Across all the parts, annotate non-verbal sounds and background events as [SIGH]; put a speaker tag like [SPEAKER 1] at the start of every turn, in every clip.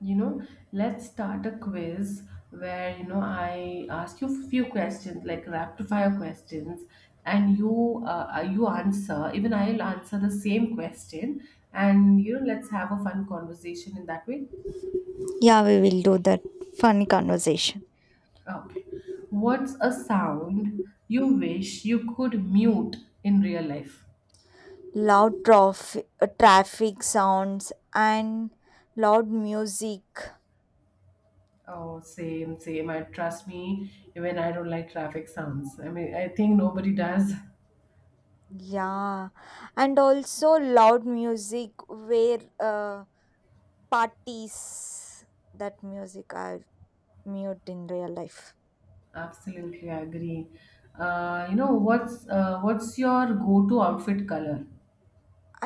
[SPEAKER 1] You know, let's start a quiz where, I ask you a few questions, like rapid fire questions, and you answer. Even I'll answer the same question, and let's have a fun conversation in that way.
[SPEAKER 2] Yeah, we will do that fun conversation.
[SPEAKER 1] Okay. What's a sound you wish you could mute in real life?
[SPEAKER 2] Loud traffic sounds and loud music.
[SPEAKER 1] Oh, same, same. I trust me, even I don't like traffic sounds. I mean, I think nobody does. [LAUGHS]
[SPEAKER 2] Yeah, and also loud music where parties. That music I mute in real life.
[SPEAKER 1] Absolutely, I agree. You know what's your go-to outfit color?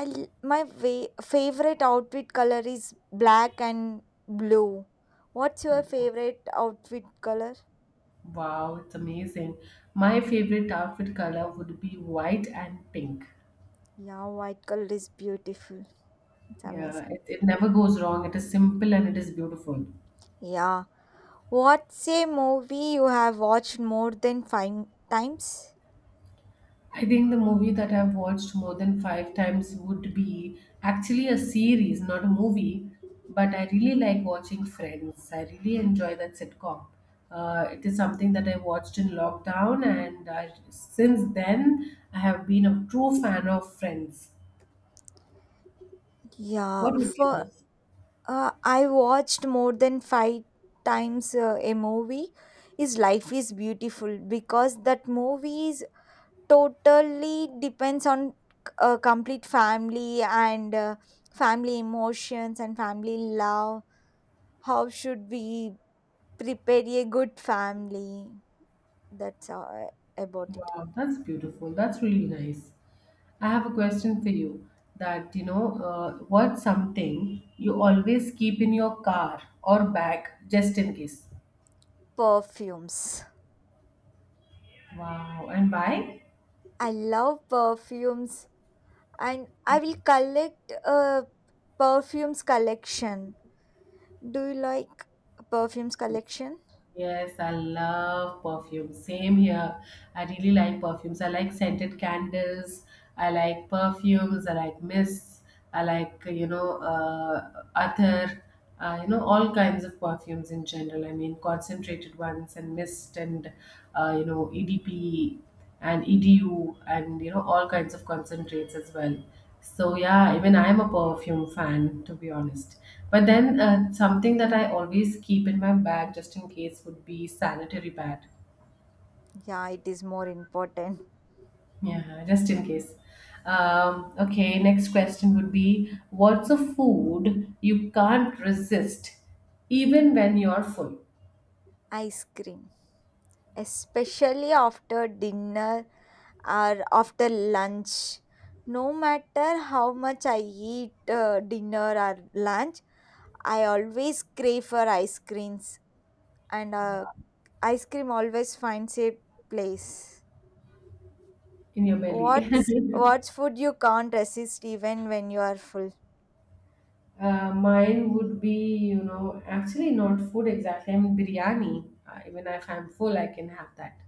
[SPEAKER 2] My favorite outfit color is black and blue. What's your favorite outfit color?
[SPEAKER 1] Wow, it's amazing. My favorite outfit color would be white and pink.
[SPEAKER 2] Yeah, white color is beautiful. It's
[SPEAKER 1] Yeah,
[SPEAKER 2] amazing.
[SPEAKER 1] it never goes wrong. It is simple and it is beautiful.
[SPEAKER 2] Yeah. What's a movie you have watched more than five times?
[SPEAKER 1] I think the movie that I've watched more than five times would be actually a series, not a movie. But I really like watching Friends. I really enjoy that sitcom. It is something that I watched in lockdown, and since then, I have been a true fan of Friends.
[SPEAKER 2] Yeah,
[SPEAKER 1] What would be
[SPEAKER 2] for
[SPEAKER 1] yours?
[SPEAKER 2] I watched more than five times a movie. Is Life is Beautiful because that movie is totally depends on a complete family and family emotions and family love. How should we prepare a good family? That's about it.
[SPEAKER 1] Wow, that's beautiful. That's really nice. I have a question for you that what's something you always keep in your car or bag just in case?
[SPEAKER 2] Perfumes.
[SPEAKER 1] Wow. And why?
[SPEAKER 2] I love perfumes and I will collect a perfumes collection. Do you like perfumes
[SPEAKER 1] Yes.
[SPEAKER 2] collection?
[SPEAKER 1] Yes, I love perfume. Same here. I really like perfumes. I like scented candles. I like perfumes. I like mists. I like, all kinds of perfumes in general. I mean, concentrated ones and mist and EDP. And EDU and you know all kinds of concentrates as well. So yeah, even I am a perfume fan, to be honest. But then something that I always keep in my bag just in case would be sanitary pad.
[SPEAKER 2] Yeah, it is more important.
[SPEAKER 1] Yeah, just in case. Okay, next question would be, what's a food you can't resist even when you're full
[SPEAKER 2] Ice cream, especially after dinner or after lunch. No matter how much I eat dinner or lunch, I always crave for ice creams and ice cream always finds a place.
[SPEAKER 1] in your belly?
[SPEAKER 2] What's
[SPEAKER 1] [LAUGHS]
[SPEAKER 2] what's food you can't resist even when you are full?
[SPEAKER 1] Mine would be, actually not food exactly. I mean, biryani. Even if I'm full, I can have that.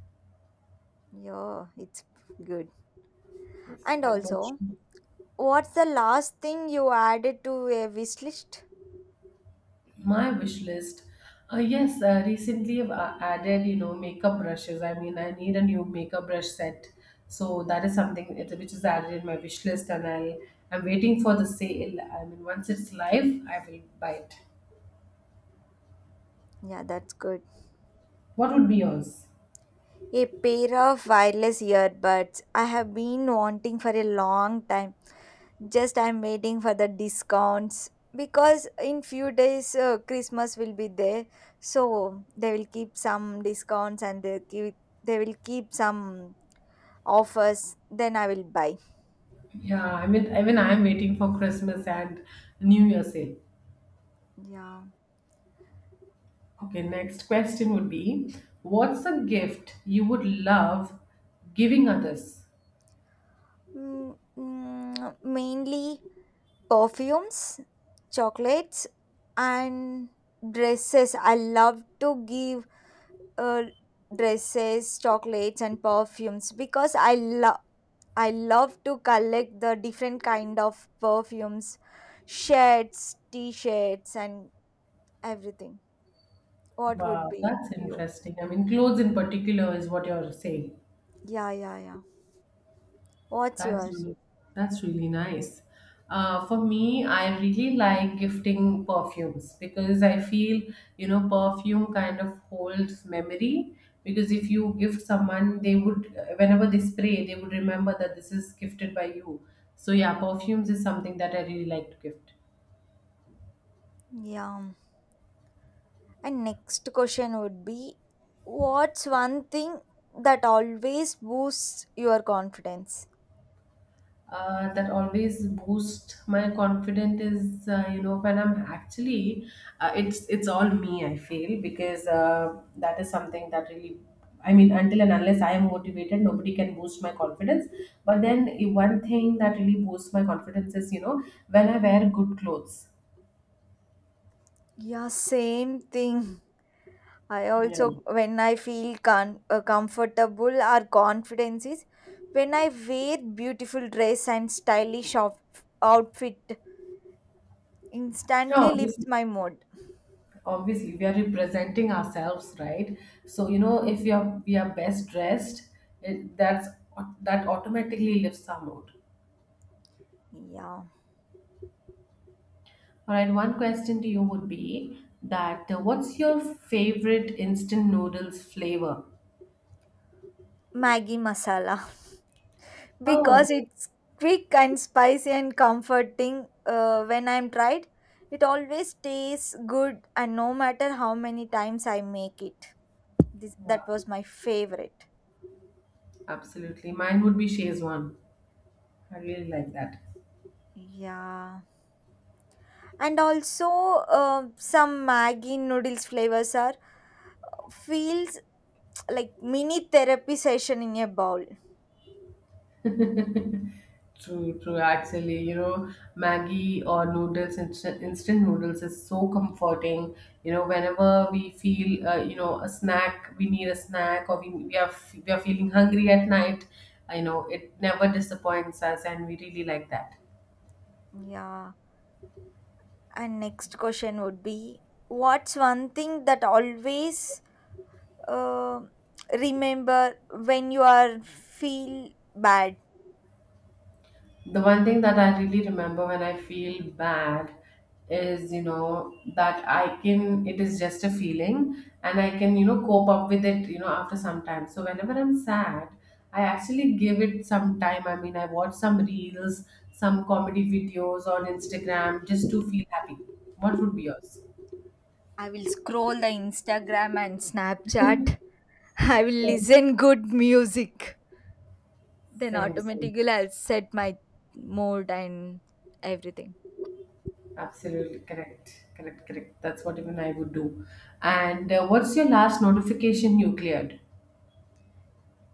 [SPEAKER 2] Yeah, it's good.
[SPEAKER 1] If
[SPEAKER 2] And
[SPEAKER 1] I'm not
[SPEAKER 2] also,
[SPEAKER 1] sure.
[SPEAKER 2] what's the last thing you added to a wish list?
[SPEAKER 1] My wish list. Yes, recently I've added, makeup brushes. I mean, I need a new makeup brush set. So that is something which is added in my wish list, and I'm waiting for the sale. I mean, once it's live, I will buy it.
[SPEAKER 2] Yeah, that's good.
[SPEAKER 1] What would be yours?
[SPEAKER 2] A pair of wireless earbuds. I have been wanting for a long time. Just I'm waiting for the discounts because in few days Christmas will be there. So they will keep some discounts and they will keep some offers. Then I will buy.
[SPEAKER 1] Yeah, I mean, even I'm waiting for Christmas and New Year sale.
[SPEAKER 2] Yeah.
[SPEAKER 1] Okay, next question would be, what's a gift you would love giving others?
[SPEAKER 2] Mainly perfumes, chocolates, and dresses. I love to give uh, dresses, chocolates, and perfumes because I love. I love to collect the different kind of perfumes, shirts, t-shirts, and everything. What would
[SPEAKER 1] Wow,
[SPEAKER 2] be
[SPEAKER 1] that's
[SPEAKER 2] you?
[SPEAKER 1] interesting. I mean, clothes in particular is what you're saying.
[SPEAKER 2] Yeah, yeah, yeah. What's
[SPEAKER 1] That's
[SPEAKER 2] yours?
[SPEAKER 1] really, that's really nice. For me, I really like gifting perfumes because I feel, perfume kind of holds memory. Because if you gift someone, they would, whenever they spray, they would remember that this is gifted by you. So, yeah, perfumes is something that I really like to gift.
[SPEAKER 2] Yeah. And next question would be, what's one thing that always boosts your confidence?
[SPEAKER 1] That always boost my confidence is you know when I'm actually it's all me I feel because that is something that really, I mean, until and unless I am motivated, nobody can boost my confidence. But then one thing that really boosts my confidence is, you know, when I wear good clothes.
[SPEAKER 2] Yeah, same thing. I
[SPEAKER 1] Yeah,
[SPEAKER 2] also, when I feel comfortable or confidence is when I wear beautiful dress and stylish outfit,
[SPEAKER 1] yeah,
[SPEAKER 2] instantly
[SPEAKER 1] obviously,
[SPEAKER 2] lifts my mood.
[SPEAKER 1] obviously, we are representing ourselves, right? So you know, if we are best dressed, it, that's that automatically lifts our mood.
[SPEAKER 2] Yeah,
[SPEAKER 1] All right, one question to you would be that what's your favorite instant noodles flavor?
[SPEAKER 2] Maggie masala,
[SPEAKER 1] Oh,
[SPEAKER 2] because it's quick and spicy and comforting when I'm tried. It always tastes good, and no matter how many times I make it, this, that
[SPEAKER 1] wow.
[SPEAKER 2] was my favorite.
[SPEAKER 1] Absolutely. Mine would be Szechuan. I really like that.
[SPEAKER 2] Yeah, and also some Maggi noodles flavors are feels like mini therapy session in a bowl.
[SPEAKER 1] True, true. Actually, you know, Maggie or noodles, instant noodles is so comforting. You know, whenever we feel, a snack, we need a snack, or we are feeling hungry at night. I know, it never disappoints us, and we really like that.
[SPEAKER 2] Yeah, and next question would be, what's one thing that always, Uh, remember when you are feel bad.
[SPEAKER 1] The one thing that I really remember when I feel bad is, you know, that I can, it is just a feeling and I can, you know, cope up with it, you know, after some time. So whenever I'm sad, I actually give it some time. I mean, I watch some reels, some comedy videos on Instagram just to feel happy. What would be yours?
[SPEAKER 2] I will scroll the Instagram and Snapchat. I will
[SPEAKER 1] Same,
[SPEAKER 2] listen good music, then
[SPEAKER 1] same.
[SPEAKER 2] automatically I'll set my mood and everything.
[SPEAKER 1] Absolutely correct. Correct, correct. That's what even I would do. And what's your last notification you cleared?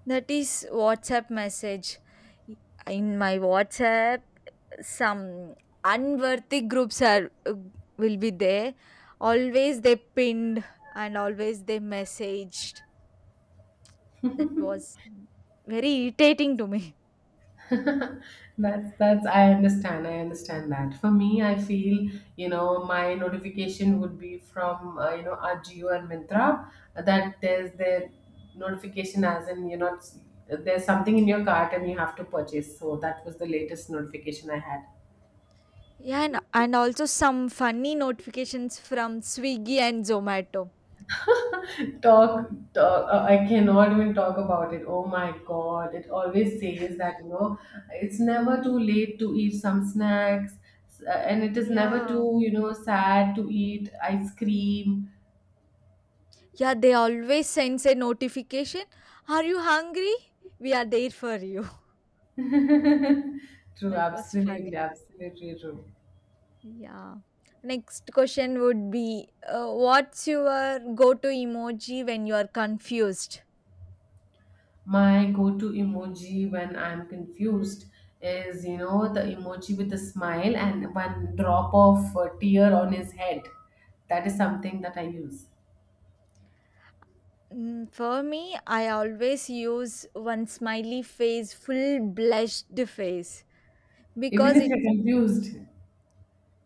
[SPEAKER 2] That is WhatsApp message. In my WhatsApp, some unworthy groups are, will be there. Always they pinned and always they messaged. That was very irritating to me.
[SPEAKER 1] [LAUGHS] That's I understand. I understand that. For me, I feel you know my notification would be from you know Ajio and Mintra, that there's the notification, as in, you know, there's something in your cart and you have to purchase. So that was the latest notification I had.
[SPEAKER 2] Yeah, and also some funny notifications from Swiggy and Zomato.
[SPEAKER 1] Talk, talk. I cannot even talk about it. Oh my God. It always says that, you know, it's never too late to eat some snacks, and it is never
[SPEAKER 2] Yeah.
[SPEAKER 1] too, you know, sad to eat ice cream.
[SPEAKER 2] Yeah, they always send a notification. Are you hungry? We are there for you. [LAUGHS]
[SPEAKER 1] [LAUGHS] True,
[SPEAKER 2] That was funny.
[SPEAKER 1] absolutely, absolutely true.
[SPEAKER 2] Yeah. Next question would be, what's your go to emoji when you are confused?
[SPEAKER 1] My go-to emoji when I'm confused is, you know, the emoji with the smile and one drop of tear on his head. That is something that I use.
[SPEAKER 2] Mm, for me, I always use one smiley face, full blushed face,
[SPEAKER 1] Even
[SPEAKER 2] because
[SPEAKER 1] if
[SPEAKER 2] it,
[SPEAKER 1] you're confused.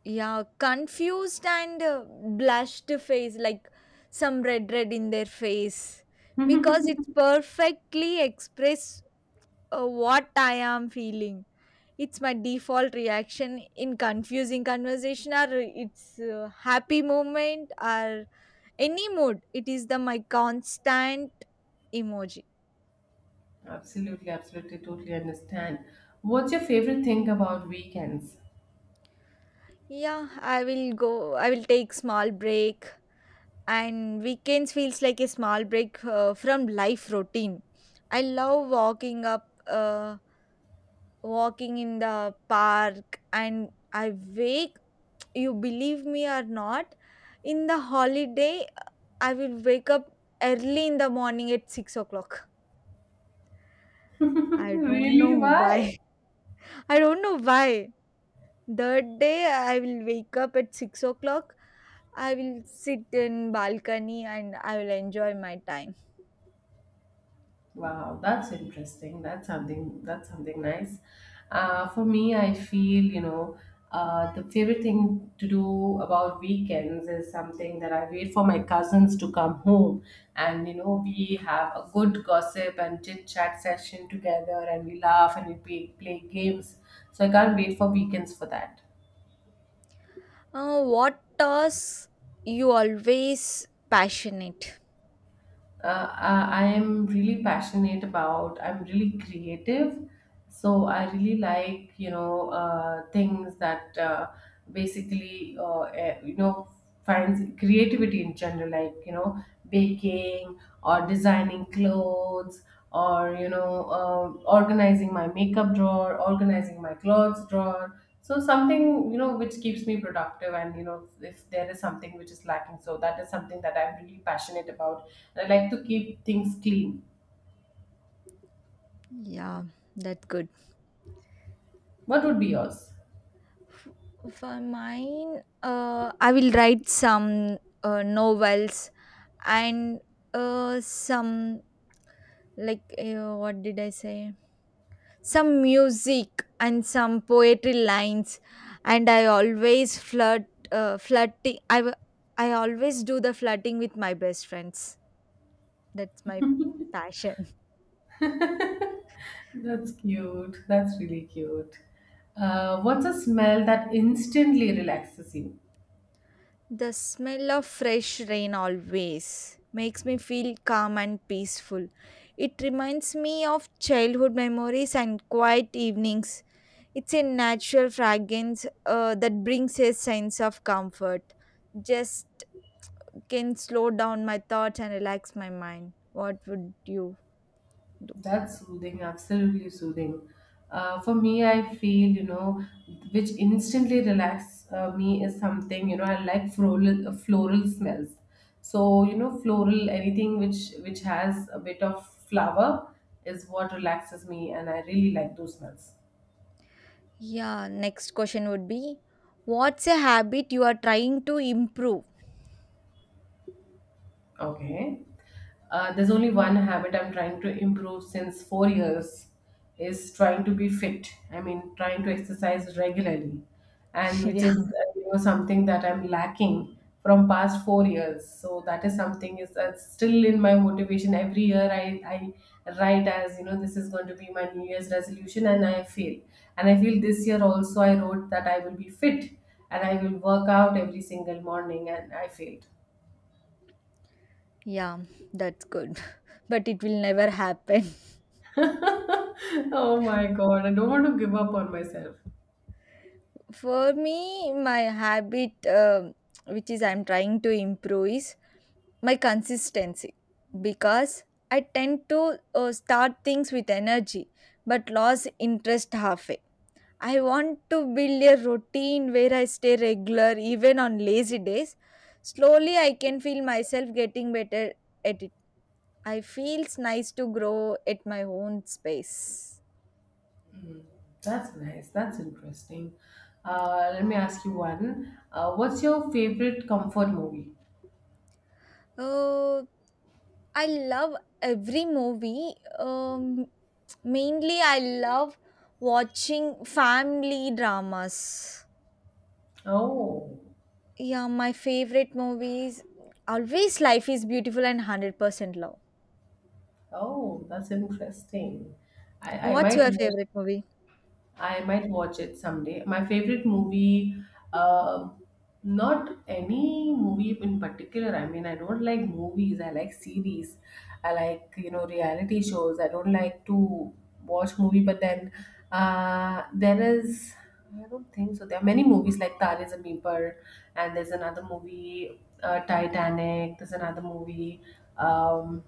[SPEAKER 2] yeah, confused and blushed face, like some red in their face, because it perfectly express what I am feeling. It's my default reaction in confusing conversation, or it's a happy moment, or any mood. It is the my constant emoji.
[SPEAKER 1] Absolutely, absolutely, totally understand. What's your favorite thing about weekends?
[SPEAKER 2] Yeah, I will go. I will take small break and weekends feels like a small break from life routine. I love walking in the park, and I wake, you believe me or not, in the holiday, I will wake up early in the morning at 6 o'clock.
[SPEAKER 1] [LAUGHS]
[SPEAKER 2] I don't know
[SPEAKER 1] Really?
[SPEAKER 2] why.
[SPEAKER 1] Why?
[SPEAKER 2] [LAUGHS] I don't know why that day I will wake up at 6 o'clock. I will sit in balcony and I will enjoy my time.
[SPEAKER 1] Wow, that's interesting. That's something. That's something nice. For me, I feel you know the favorite thing to do about weekends is something that I wait for my cousins to come home, and you know we have a good gossip and chit chat session together, and we laugh and we play games. So I can't wait for weekends for that.
[SPEAKER 2] What tasks you always passionate?
[SPEAKER 1] I am really passionate about. I'm really creative, so I really like you know things that you know finds creativity in general, like you know baking or designing clothes or you know organizing my makeup drawer, organizing my clothes drawer, so something you know which keeps me productive, and you know if there is something which is lacking, so that is something that I'm really passionate about. I like to keep things clean.
[SPEAKER 2] Yeah, that's good.
[SPEAKER 1] What would be yours?
[SPEAKER 2] For mine, I will write some novels and some like what did I say? Some music and some poetry lines, and I always flirt, flirting. I always do the flirting with my best friends. That's my passion.
[SPEAKER 1] [LAUGHS] That's really cute. What's a smell that instantly relaxes you?
[SPEAKER 2] The smell of fresh rain always makes me feel calm and peaceful. It reminds me of childhood memories and quiet evenings. It's a natural fragrance that brings a sense of comfort. Just can slow down my thoughts and relax my mind. What would you?
[SPEAKER 1] That's soothing, absolutely soothing. For me, I feel, you know, which instantly relax me is something, you know, I like floral smells. So, you know, floral, anything which has a bit of flower is what relaxes me, and I really like those smells.
[SPEAKER 2] Yeah, next question would be, what's a habit you are trying to improve?
[SPEAKER 1] Okay. There's only one habit I'm trying to improve since 4 years, is trying to be fit. I mean, trying to exercise regularly,
[SPEAKER 2] [LAUGHS]
[SPEAKER 1] and which is
[SPEAKER 2] Yeah,
[SPEAKER 1] you know something that I'm lacking from past 4 years. So that is something is that's still in my motivation. Every year I write, as you know, this is going to be my New Year's resolution, and I fail. And I feel this year also I wrote that I will be fit and I will work out every single morning, and I failed.
[SPEAKER 2] yeah, that's good. [LAUGHS] But it will never happen.
[SPEAKER 1] [LAUGHS] Oh my God, I don't want to give up on myself.
[SPEAKER 2] For me, my habit, which is I'm trying to improve, is my consistency because I tend to start things with energy but lose interest halfway. I want to build a routine where I stay regular even on lazy days. Slowly, I can feel myself getting better at it. I feels nice to grow at my own space.
[SPEAKER 1] That's nice. That's interesting. Let me ask you one. What's your favorite comfort movie?
[SPEAKER 2] Uh, I love every movie. Um, mainly, I love watching family dramas.
[SPEAKER 1] Oh,
[SPEAKER 2] Yeah, my favorite movies always Life is Beautiful and 100% Love.
[SPEAKER 1] oh, that's interesting. I, I
[SPEAKER 2] What's
[SPEAKER 1] might
[SPEAKER 2] your favorite movie?
[SPEAKER 1] I might watch it someday. My favorite movie, uh, not any movie in particular. I mean, I don't like movies. I like series. I like you know reality shows. I don't like to watch movie. But then uh, there is, I don't think so. There are many movies like Tare Zameen Par, and there's another movie, Titanic. There's another movie. Um,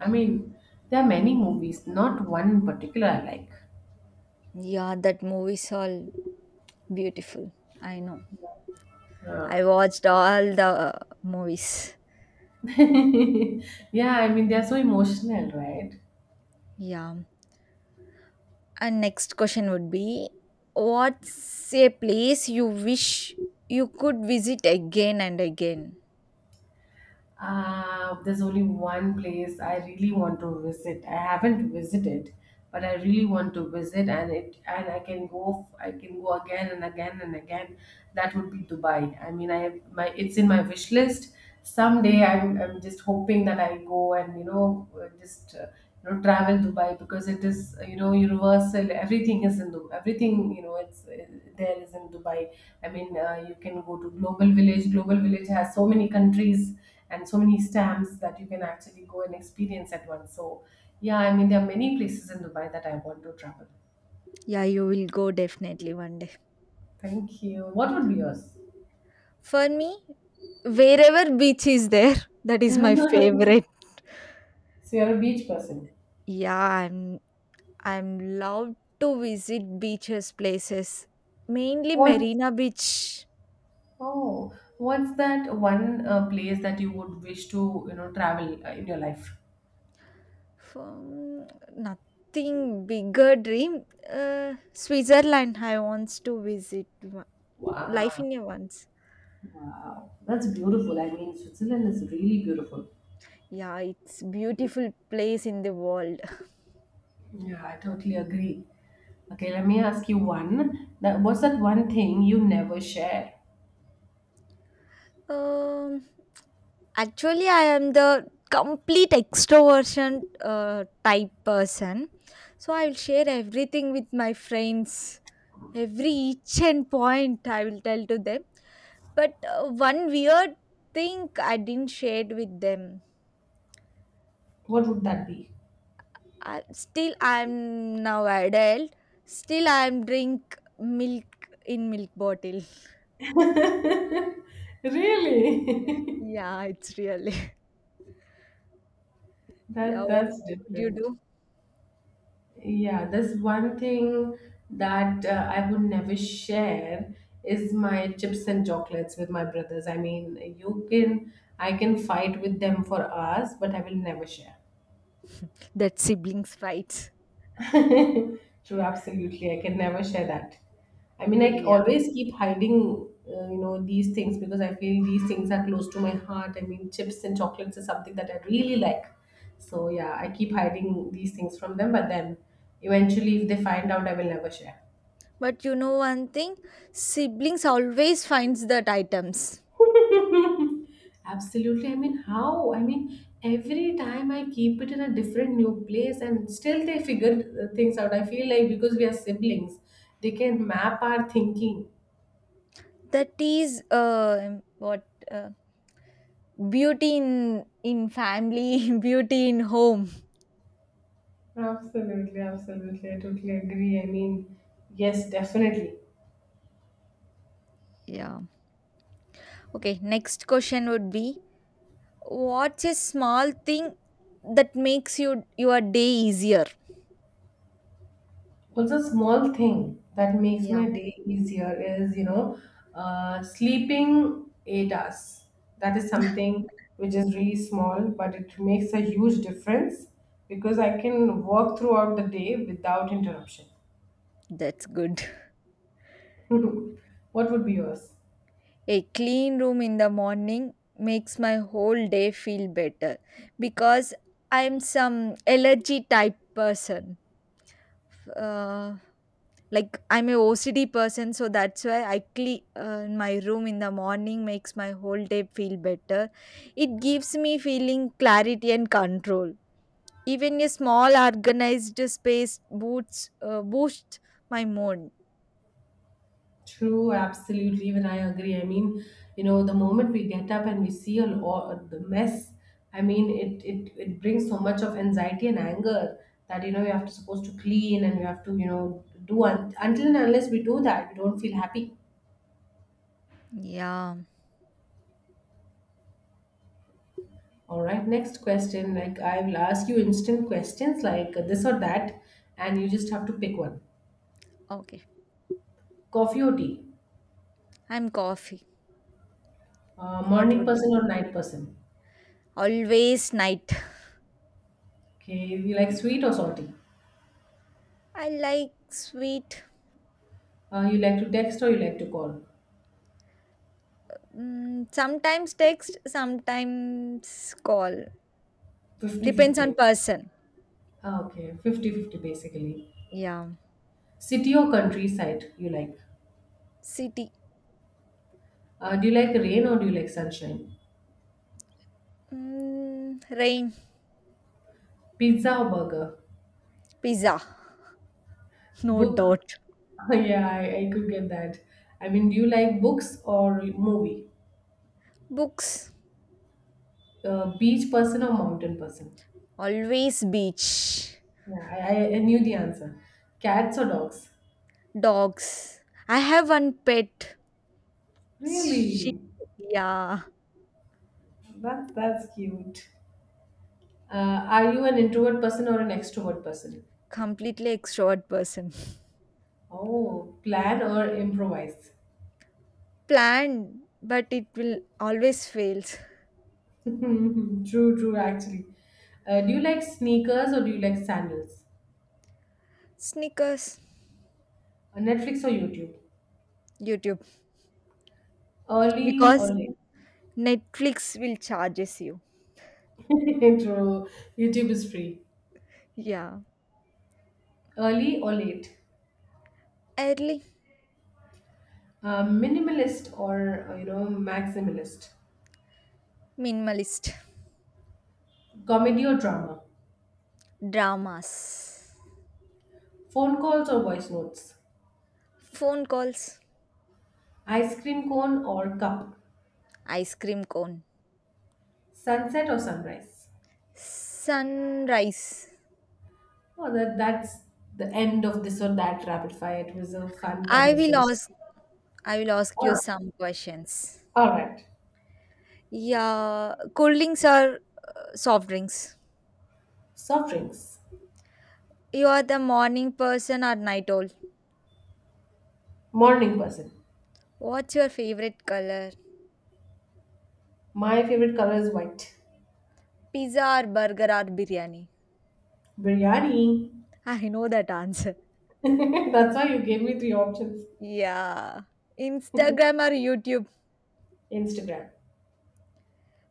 [SPEAKER 1] I mean, there are many movies. Not one in particular I like.
[SPEAKER 2] Yeah, that movie's all beautiful. I know.
[SPEAKER 1] Yeah.
[SPEAKER 2] I watched all the movies.
[SPEAKER 1] [LAUGHS] Yeah, I mean, they're so emotional, right?
[SPEAKER 2] Yeah. And next question would be, what's a place you wish you could visit again and again?
[SPEAKER 1] There's only one place I really want to visit. I haven't visited, but I really want to visit, and it and I can go. I can go again and again and again. That would be Dubai. I mean, I my it's in my wish list. Someday, I'm just hoping that I go and you know just you know travel dubai because it is you know universal, everything is in dubai, everything, you know, it's there is in dubai, I mean. You can go to global village, global village has so many countries and so many stamps that you can actually go and experience at once. So yeah, I mean there are many places in dubai that I want to travel.
[SPEAKER 2] Yeah, you will go definitely one day.
[SPEAKER 1] Thank you. What would be yours?
[SPEAKER 2] For me, wherever beach is there, [LAUGHS] that is my
[SPEAKER 1] [LAUGHS]
[SPEAKER 2] favorite.
[SPEAKER 1] So you're a beach person.
[SPEAKER 2] Yeah, I'm loved to visit beaches places. Mainly
[SPEAKER 1] What's
[SPEAKER 2] Marina Beach.
[SPEAKER 1] oh, what's that one place that you would wish to you know travel in your life?
[SPEAKER 2] Um, nothing bigger dream. Switzerland I wants to visit. One, life
[SPEAKER 1] Wow.
[SPEAKER 2] in a once.
[SPEAKER 1] Wow, that's beautiful. I mean, Switzerland is really beautiful.
[SPEAKER 2] Yeah, it's beautiful place in the world. [LAUGHS]
[SPEAKER 1] Yeah, I totally agree. Okay, let me ask you one. That what's that one thing you never share?
[SPEAKER 2] Um, actually, I am the complete extroversion type person. So I will share everything with my friends. Every each and point I will tell to them. But one weird thing I didn't share with them.
[SPEAKER 1] What would that be?
[SPEAKER 2] I, still, I am now adult. Still, I am drink milk in milk bottle.
[SPEAKER 1] [LAUGHS]
[SPEAKER 2] [LAUGHS]
[SPEAKER 1] Really?
[SPEAKER 2] Yeah, it's really. [LAUGHS]
[SPEAKER 1] [LAUGHS]
[SPEAKER 2] Yeah,
[SPEAKER 1] that
[SPEAKER 2] what
[SPEAKER 1] that's
[SPEAKER 2] would you
[SPEAKER 1] different.
[SPEAKER 2] do?
[SPEAKER 1] Yeah, there's one thing that I would never share is my chips and chocolates with my brothers. I mean, you can I can fight with them for hours, but I will never share.
[SPEAKER 2] That siblings fights.
[SPEAKER 1] [LAUGHS] True, absolutely. I can never share that. I mean, I
[SPEAKER 2] Yeah,
[SPEAKER 1] always keep hiding, these things because I feel these things are close to my heart. I mean, chips and chocolates is something that I really like. So yeah, I keep hiding these things from them, but then eventually, if they find out, I will never share.
[SPEAKER 2] but you know one thing, siblings always finds that items.
[SPEAKER 1] [LAUGHS] Absolutely. I mean, how? I mean, every time I keep it in a different new place and still they figured things out. I feel like because we are siblings, they can map our thinking.
[SPEAKER 2] That is what beauty in family, [LAUGHS] beauty in home.
[SPEAKER 1] Absolutely, absolutely. I totally agree. I mean, yes, definitely.
[SPEAKER 2] Yeah. Okay, next question would be, what's a small thing that makes you your day easier?
[SPEAKER 1] Also, a small thing that makes
[SPEAKER 2] Yeah.
[SPEAKER 1] my day easier is, sleeping 8 hours. That is something which is really small, but it makes a huge difference because I can work throughout the day without interruption.
[SPEAKER 2] That's good.
[SPEAKER 1] [LAUGHS] What would be yours?
[SPEAKER 2] A clean room in the morning makes my whole day feel better because I'm some allergy type person. Uh, like I'm a OCD person, so that's why I clean my room in the morning makes my whole day feel better. It gives me feeling clarity and control. Even a small organized space boosts my mood.
[SPEAKER 1] True, absolutely. Even I agree. I mean, the moment we get up and we see a lot the mess. I mean, it brings so much of anxiety and anger that we have to supposed to clean and we have to do until and unless we do that, we don't feel happy.
[SPEAKER 2] Yeah.
[SPEAKER 1] All right, next question. Like I will ask you instant questions like this or that, and you just have to pick one.
[SPEAKER 2] Okay.
[SPEAKER 1] Coffee or tea?
[SPEAKER 2] I'm coffee. What
[SPEAKER 1] Morning
[SPEAKER 2] would you?
[SPEAKER 1] person or night person?
[SPEAKER 2] Always night.
[SPEAKER 1] Okay, you like sweet or salty?
[SPEAKER 2] I like sweet.
[SPEAKER 1] You like to text or you like to call?
[SPEAKER 2] Mm, sometimes text, sometimes call. Depends
[SPEAKER 1] Fifty-fifty,
[SPEAKER 2] on
[SPEAKER 1] okay.
[SPEAKER 2] person.
[SPEAKER 1] Ah, okay. 50 fifty basically.
[SPEAKER 2] Yeah.
[SPEAKER 1] City or countryside you like?
[SPEAKER 2] City.
[SPEAKER 1] Do you like rain or do you like sunshine?
[SPEAKER 2] Mm, rain.
[SPEAKER 1] Pizza or burger?
[SPEAKER 2] Pizza. No
[SPEAKER 1] Book? [LAUGHS]
[SPEAKER 2] doubt.
[SPEAKER 1] yeah, I could get that. I mean, do you like books or movie?
[SPEAKER 2] Books.
[SPEAKER 1] Beach person or mountain person?
[SPEAKER 2] Always beach.
[SPEAKER 1] Yeah, I knew the answer. Cats or dogs?
[SPEAKER 2] Dogs. I have one pet. She.
[SPEAKER 1] Really?
[SPEAKER 2] Yeah.
[SPEAKER 1] That's cute. Are you an introvert person or an extrovert person?
[SPEAKER 2] Completely extrovert person.
[SPEAKER 1] Oh, plan or improvise?
[SPEAKER 2] Planned, but it will always fails.
[SPEAKER 1] [LAUGHS] true, true, actually. Do you like sneakers or do you like sandals?
[SPEAKER 2] Sneakers.
[SPEAKER 1] Netflix or YouTube?
[SPEAKER 2] YouTube.
[SPEAKER 1] Early or
[SPEAKER 2] Because
[SPEAKER 1] late?
[SPEAKER 2] Netflix will charges you.
[SPEAKER 1] [LAUGHS] True. YouTube is free.
[SPEAKER 2] Yeah.
[SPEAKER 1] Early or late?
[SPEAKER 2] Early,
[SPEAKER 1] Minimalist or, maximalist?
[SPEAKER 2] minimalist,
[SPEAKER 1] Comedy or drama?
[SPEAKER 2] dramas,
[SPEAKER 1] Phone calls or voice notes?
[SPEAKER 2] phone calls,
[SPEAKER 1] Ice cream cone or cup?
[SPEAKER 2] ice cream cone,
[SPEAKER 1] Sunset or sunrise?
[SPEAKER 2] sunrise.
[SPEAKER 1] Oh, that's the end of this or that rapid fire. It was a fun
[SPEAKER 2] I will
[SPEAKER 1] conversation.
[SPEAKER 2] ask. I will ask
[SPEAKER 1] All
[SPEAKER 2] you
[SPEAKER 1] right.
[SPEAKER 2] some questions.
[SPEAKER 1] All right.
[SPEAKER 2] Yeah, cold drinks or soft drinks.
[SPEAKER 1] Soft drinks.
[SPEAKER 2] You are the morning person or night owl.
[SPEAKER 1] Morning person.
[SPEAKER 2] What's your favorite color?
[SPEAKER 1] My favorite color is white.
[SPEAKER 2] Pizza or burger or biryani?
[SPEAKER 1] Biryani.
[SPEAKER 2] I know that answer.
[SPEAKER 1] [LAUGHS] That's why you gave me three options.
[SPEAKER 2] Yeah. Instagram or YouTube?
[SPEAKER 1] Instagram.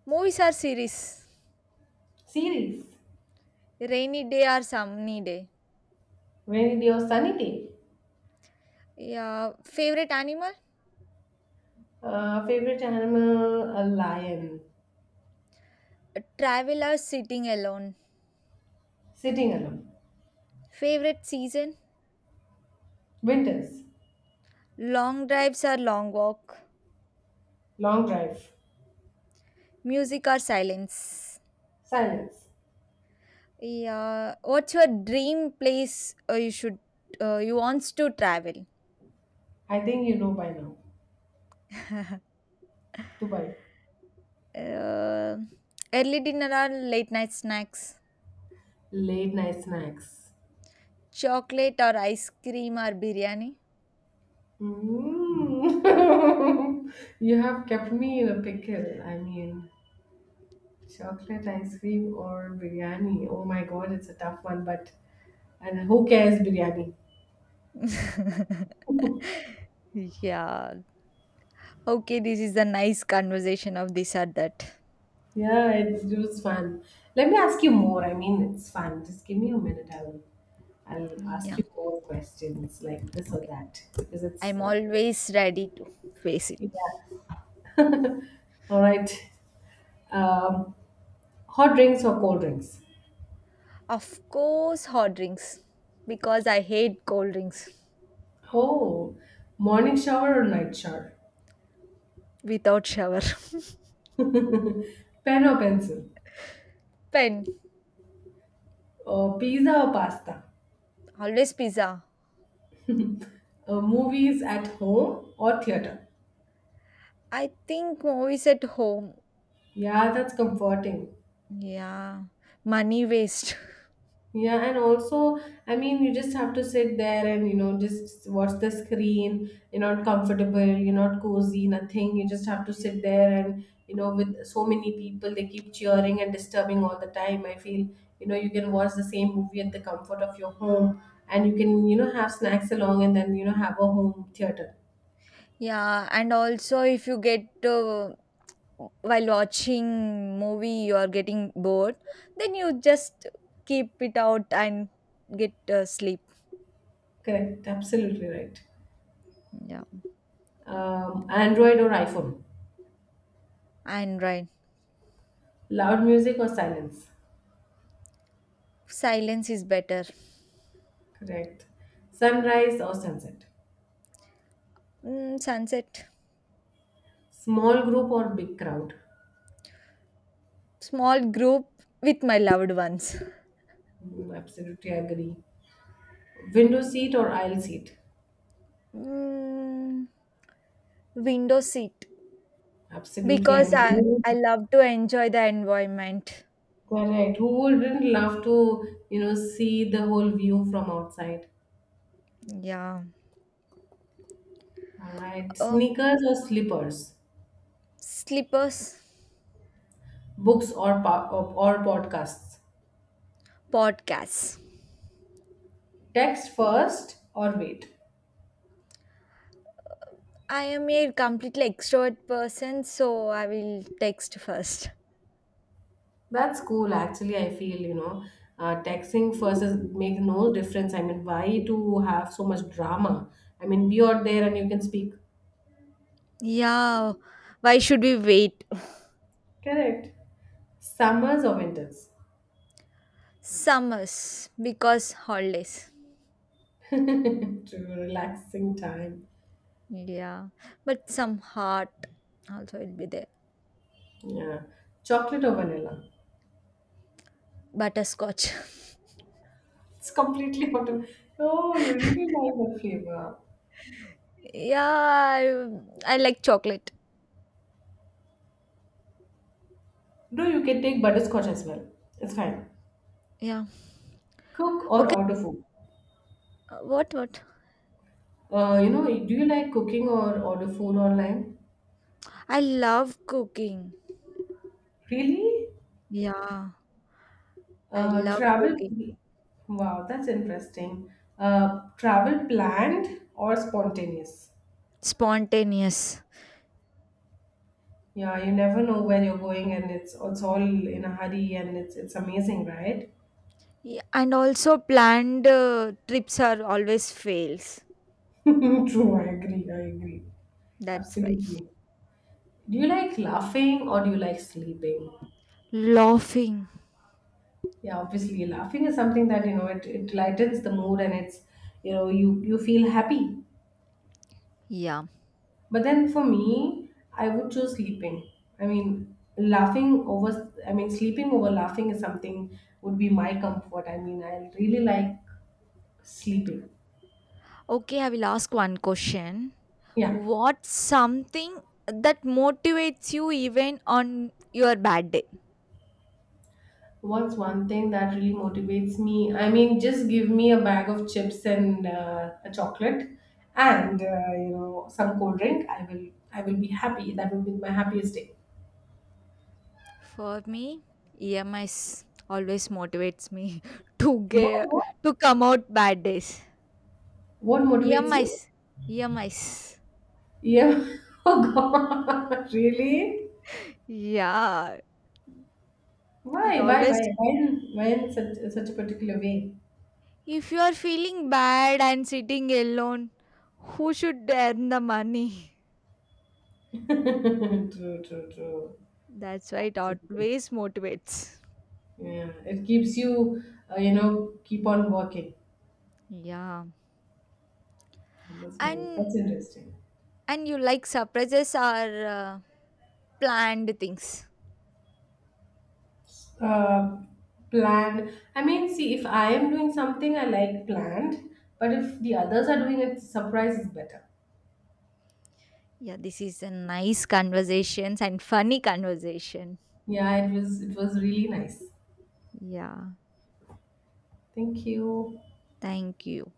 [SPEAKER 2] Movies or series?
[SPEAKER 1] Series.
[SPEAKER 2] Rainy day or sunny day?
[SPEAKER 1] Rainy day or sunny day.
[SPEAKER 2] Yeah. Favorite animal?
[SPEAKER 1] Favorite animal, a lion.
[SPEAKER 2] Travelers sitting alone.
[SPEAKER 1] Sitting alone.
[SPEAKER 2] Favorite season?
[SPEAKER 1] Winters.
[SPEAKER 2] Long drives or long walk.
[SPEAKER 1] Long drive.
[SPEAKER 2] Music or silence.
[SPEAKER 1] Silence.
[SPEAKER 2] Yeah. What's your dream place you wants to travel?
[SPEAKER 1] I think you know by now. Dubai.
[SPEAKER 2] Uh, early dinner or late night snacks?
[SPEAKER 1] Late night snacks.
[SPEAKER 2] Chocolate or ice cream or biryani?
[SPEAKER 1] Mm. [LAUGHS] you have kept me in a pickle. I mean, chocolate ice cream or biryani? Oh my god, it's a tough one, but and who cares biryani?
[SPEAKER 2] [LAUGHS] Yeah. Okay, this is a nice conversation of this or that.
[SPEAKER 1] Yeah, it was fun. Let me ask you more. I mean, it's fun. Just give me a minute. I'll ask
[SPEAKER 2] Yeah.
[SPEAKER 1] you more questions like this or
[SPEAKER 2] Okay.
[SPEAKER 1] that because it's
[SPEAKER 2] I'm always ready to face it.
[SPEAKER 1] yeah. [LAUGHS] All right. Um, hot drinks or cold drinks?
[SPEAKER 2] Of course, hot drinks because I hate cold drinks.
[SPEAKER 1] Oh, morning shower or night shower?
[SPEAKER 2] Without shower.
[SPEAKER 1] [LAUGHS] Pen or pencil?
[SPEAKER 2] [LAUGHS] Pen,
[SPEAKER 1] Or pizza or pasta?
[SPEAKER 2] always pizza.
[SPEAKER 1] Movies at home or theater.
[SPEAKER 2] I think movies at home.
[SPEAKER 1] Yeah, that's comforting.
[SPEAKER 2] Yeah, money waste. [LAUGHS]
[SPEAKER 1] Yeah, and also, I mean, you just have to sit there and just watch the screen. You're not comfortable. You're not cozy. Nothing. You just have to sit there and with so many people, they keep cheering and disturbing all the time. I feel you can watch the same movie at the comfort of your home, and you can have snacks along and then have a home theater.
[SPEAKER 2] Yeah, and also if you get while watching movie you are getting bored, then you just keep it out and get sleep.
[SPEAKER 1] Correct. Absolutely right.
[SPEAKER 2] Yeah,
[SPEAKER 1] Android or iPhone.
[SPEAKER 2] and right.
[SPEAKER 1] Loud music or silence?
[SPEAKER 2] Silence is better.
[SPEAKER 1] Correct. Sunrise or sunset?
[SPEAKER 2] Mm, sunset.
[SPEAKER 1] Small group or big crowd?
[SPEAKER 2] Small group with my loved ones.
[SPEAKER 1] Mm, absolutely agree. Window seat or aisle seat?
[SPEAKER 2] Mm, window seat
[SPEAKER 1] Absolutely. I
[SPEAKER 2] because
[SPEAKER 1] mean, who,
[SPEAKER 2] I love to enjoy the environment.
[SPEAKER 1] correct. Who wouldn't love to, see the whole view from outside?
[SPEAKER 2] Yeah.
[SPEAKER 1] All right.
[SPEAKER 2] Uh,
[SPEAKER 1] Sneakers or slippers?
[SPEAKER 2] slippers,
[SPEAKER 1] Books or podcasts?
[SPEAKER 2] podcasts.
[SPEAKER 1] Text first or wait?
[SPEAKER 2] I am a completely extrovert person, so I will text first.
[SPEAKER 1] That's cool. Actually, I feel, texting first is make no difference. I mean, why to have so much drama? I mean, be out there and you can speak.
[SPEAKER 2] Yeah. Why should we wait?
[SPEAKER 1] Correct. Summers or winters?
[SPEAKER 2] Summers because holidays.
[SPEAKER 1] [LAUGHS] to relaxing time.
[SPEAKER 2] Yeah. But some heart also will be there.
[SPEAKER 1] Yeah. Chocolate or vanilla?
[SPEAKER 2] Butterscotch. [LAUGHS]
[SPEAKER 1] It's completely [LAUGHS] out of. Oh, you really like the flavor.
[SPEAKER 2] Yeah, I like chocolate.
[SPEAKER 1] No, you can take butterscotch as well. It's fine.
[SPEAKER 2] Yeah.
[SPEAKER 1] Cook or
[SPEAKER 2] Okay.
[SPEAKER 1] order food?
[SPEAKER 2] What what?
[SPEAKER 1] Do you like cooking or order food online?
[SPEAKER 2] I love cooking.
[SPEAKER 1] Really?
[SPEAKER 2] Yeah, I love
[SPEAKER 1] Travel.
[SPEAKER 2] cooking.
[SPEAKER 1] Wow, that's interesting. Travel planned or spontaneous?
[SPEAKER 2] Spontaneous.
[SPEAKER 1] Yeah, you never know where you're going, and it's all in a hurry, and it's amazing, right?
[SPEAKER 2] Yeah, and also planned trips are always fails.
[SPEAKER 1] [LAUGHS] True, I agree. I agree.
[SPEAKER 2] That's why.
[SPEAKER 1] Absolutely. Do you like laughing or do you like sleeping?
[SPEAKER 2] Laughing.
[SPEAKER 1] Yeah, obviously, laughing is something that it lightens the mood, and it's you feel happy.
[SPEAKER 2] Yeah.
[SPEAKER 1] But then for me, I would choose sleeping. I mean, laughing over, I mean, sleeping over laughing is something would be my comfort. I mean, I really like sleeping.
[SPEAKER 2] Okay, I will ask one question.
[SPEAKER 1] Yeah.
[SPEAKER 2] What's something that motivates you even on your bad day?
[SPEAKER 1] What's one thing that really motivates me? I mean, just give me a bag of chips and a chocolate and, some cold drink. I will be happy. That will be my happiest day.
[SPEAKER 2] For me, EMIs always motivates me [LAUGHS] to
[SPEAKER 1] What,
[SPEAKER 2] get
[SPEAKER 1] what,
[SPEAKER 2] to come out bad days.
[SPEAKER 1] what motivates
[SPEAKER 2] EMIs,
[SPEAKER 1] you?
[SPEAKER 2] EMIs.
[SPEAKER 1] Yeah. [LAUGHS] Oh God, [LAUGHS] really?
[SPEAKER 2] Yeah, it always.
[SPEAKER 1] Why why in such a particular way?
[SPEAKER 2] If you are feeling bad and sitting alone, who should earn the money?
[SPEAKER 1] [LAUGHS] True, true, true.
[SPEAKER 2] [LAUGHS] That's why it
[SPEAKER 1] Absolutely.
[SPEAKER 2] always motivates.
[SPEAKER 1] Yeah, it keeps you, keep on working.
[SPEAKER 2] Yeah,
[SPEAKER 1] That's nice.
[SPEAKER 2] and
[SPEAKER 1] That's interesting.
[SPEAKER 2] and you like surprises are planned things.
[SPEAKER 1] Uh, planned. I mean, see, if I am doing something, I like planned. But if the others are doing it, surprise is better.
[SPEAKER 2] Yeah, this is a nice conversations and funny conversation.
[SPEAKER 1] Yeah, it was really nice.
[SPEAKER 2] Yeah.
[SPEAKER 1] Thank you.
[SPEAKER 2] Thank you.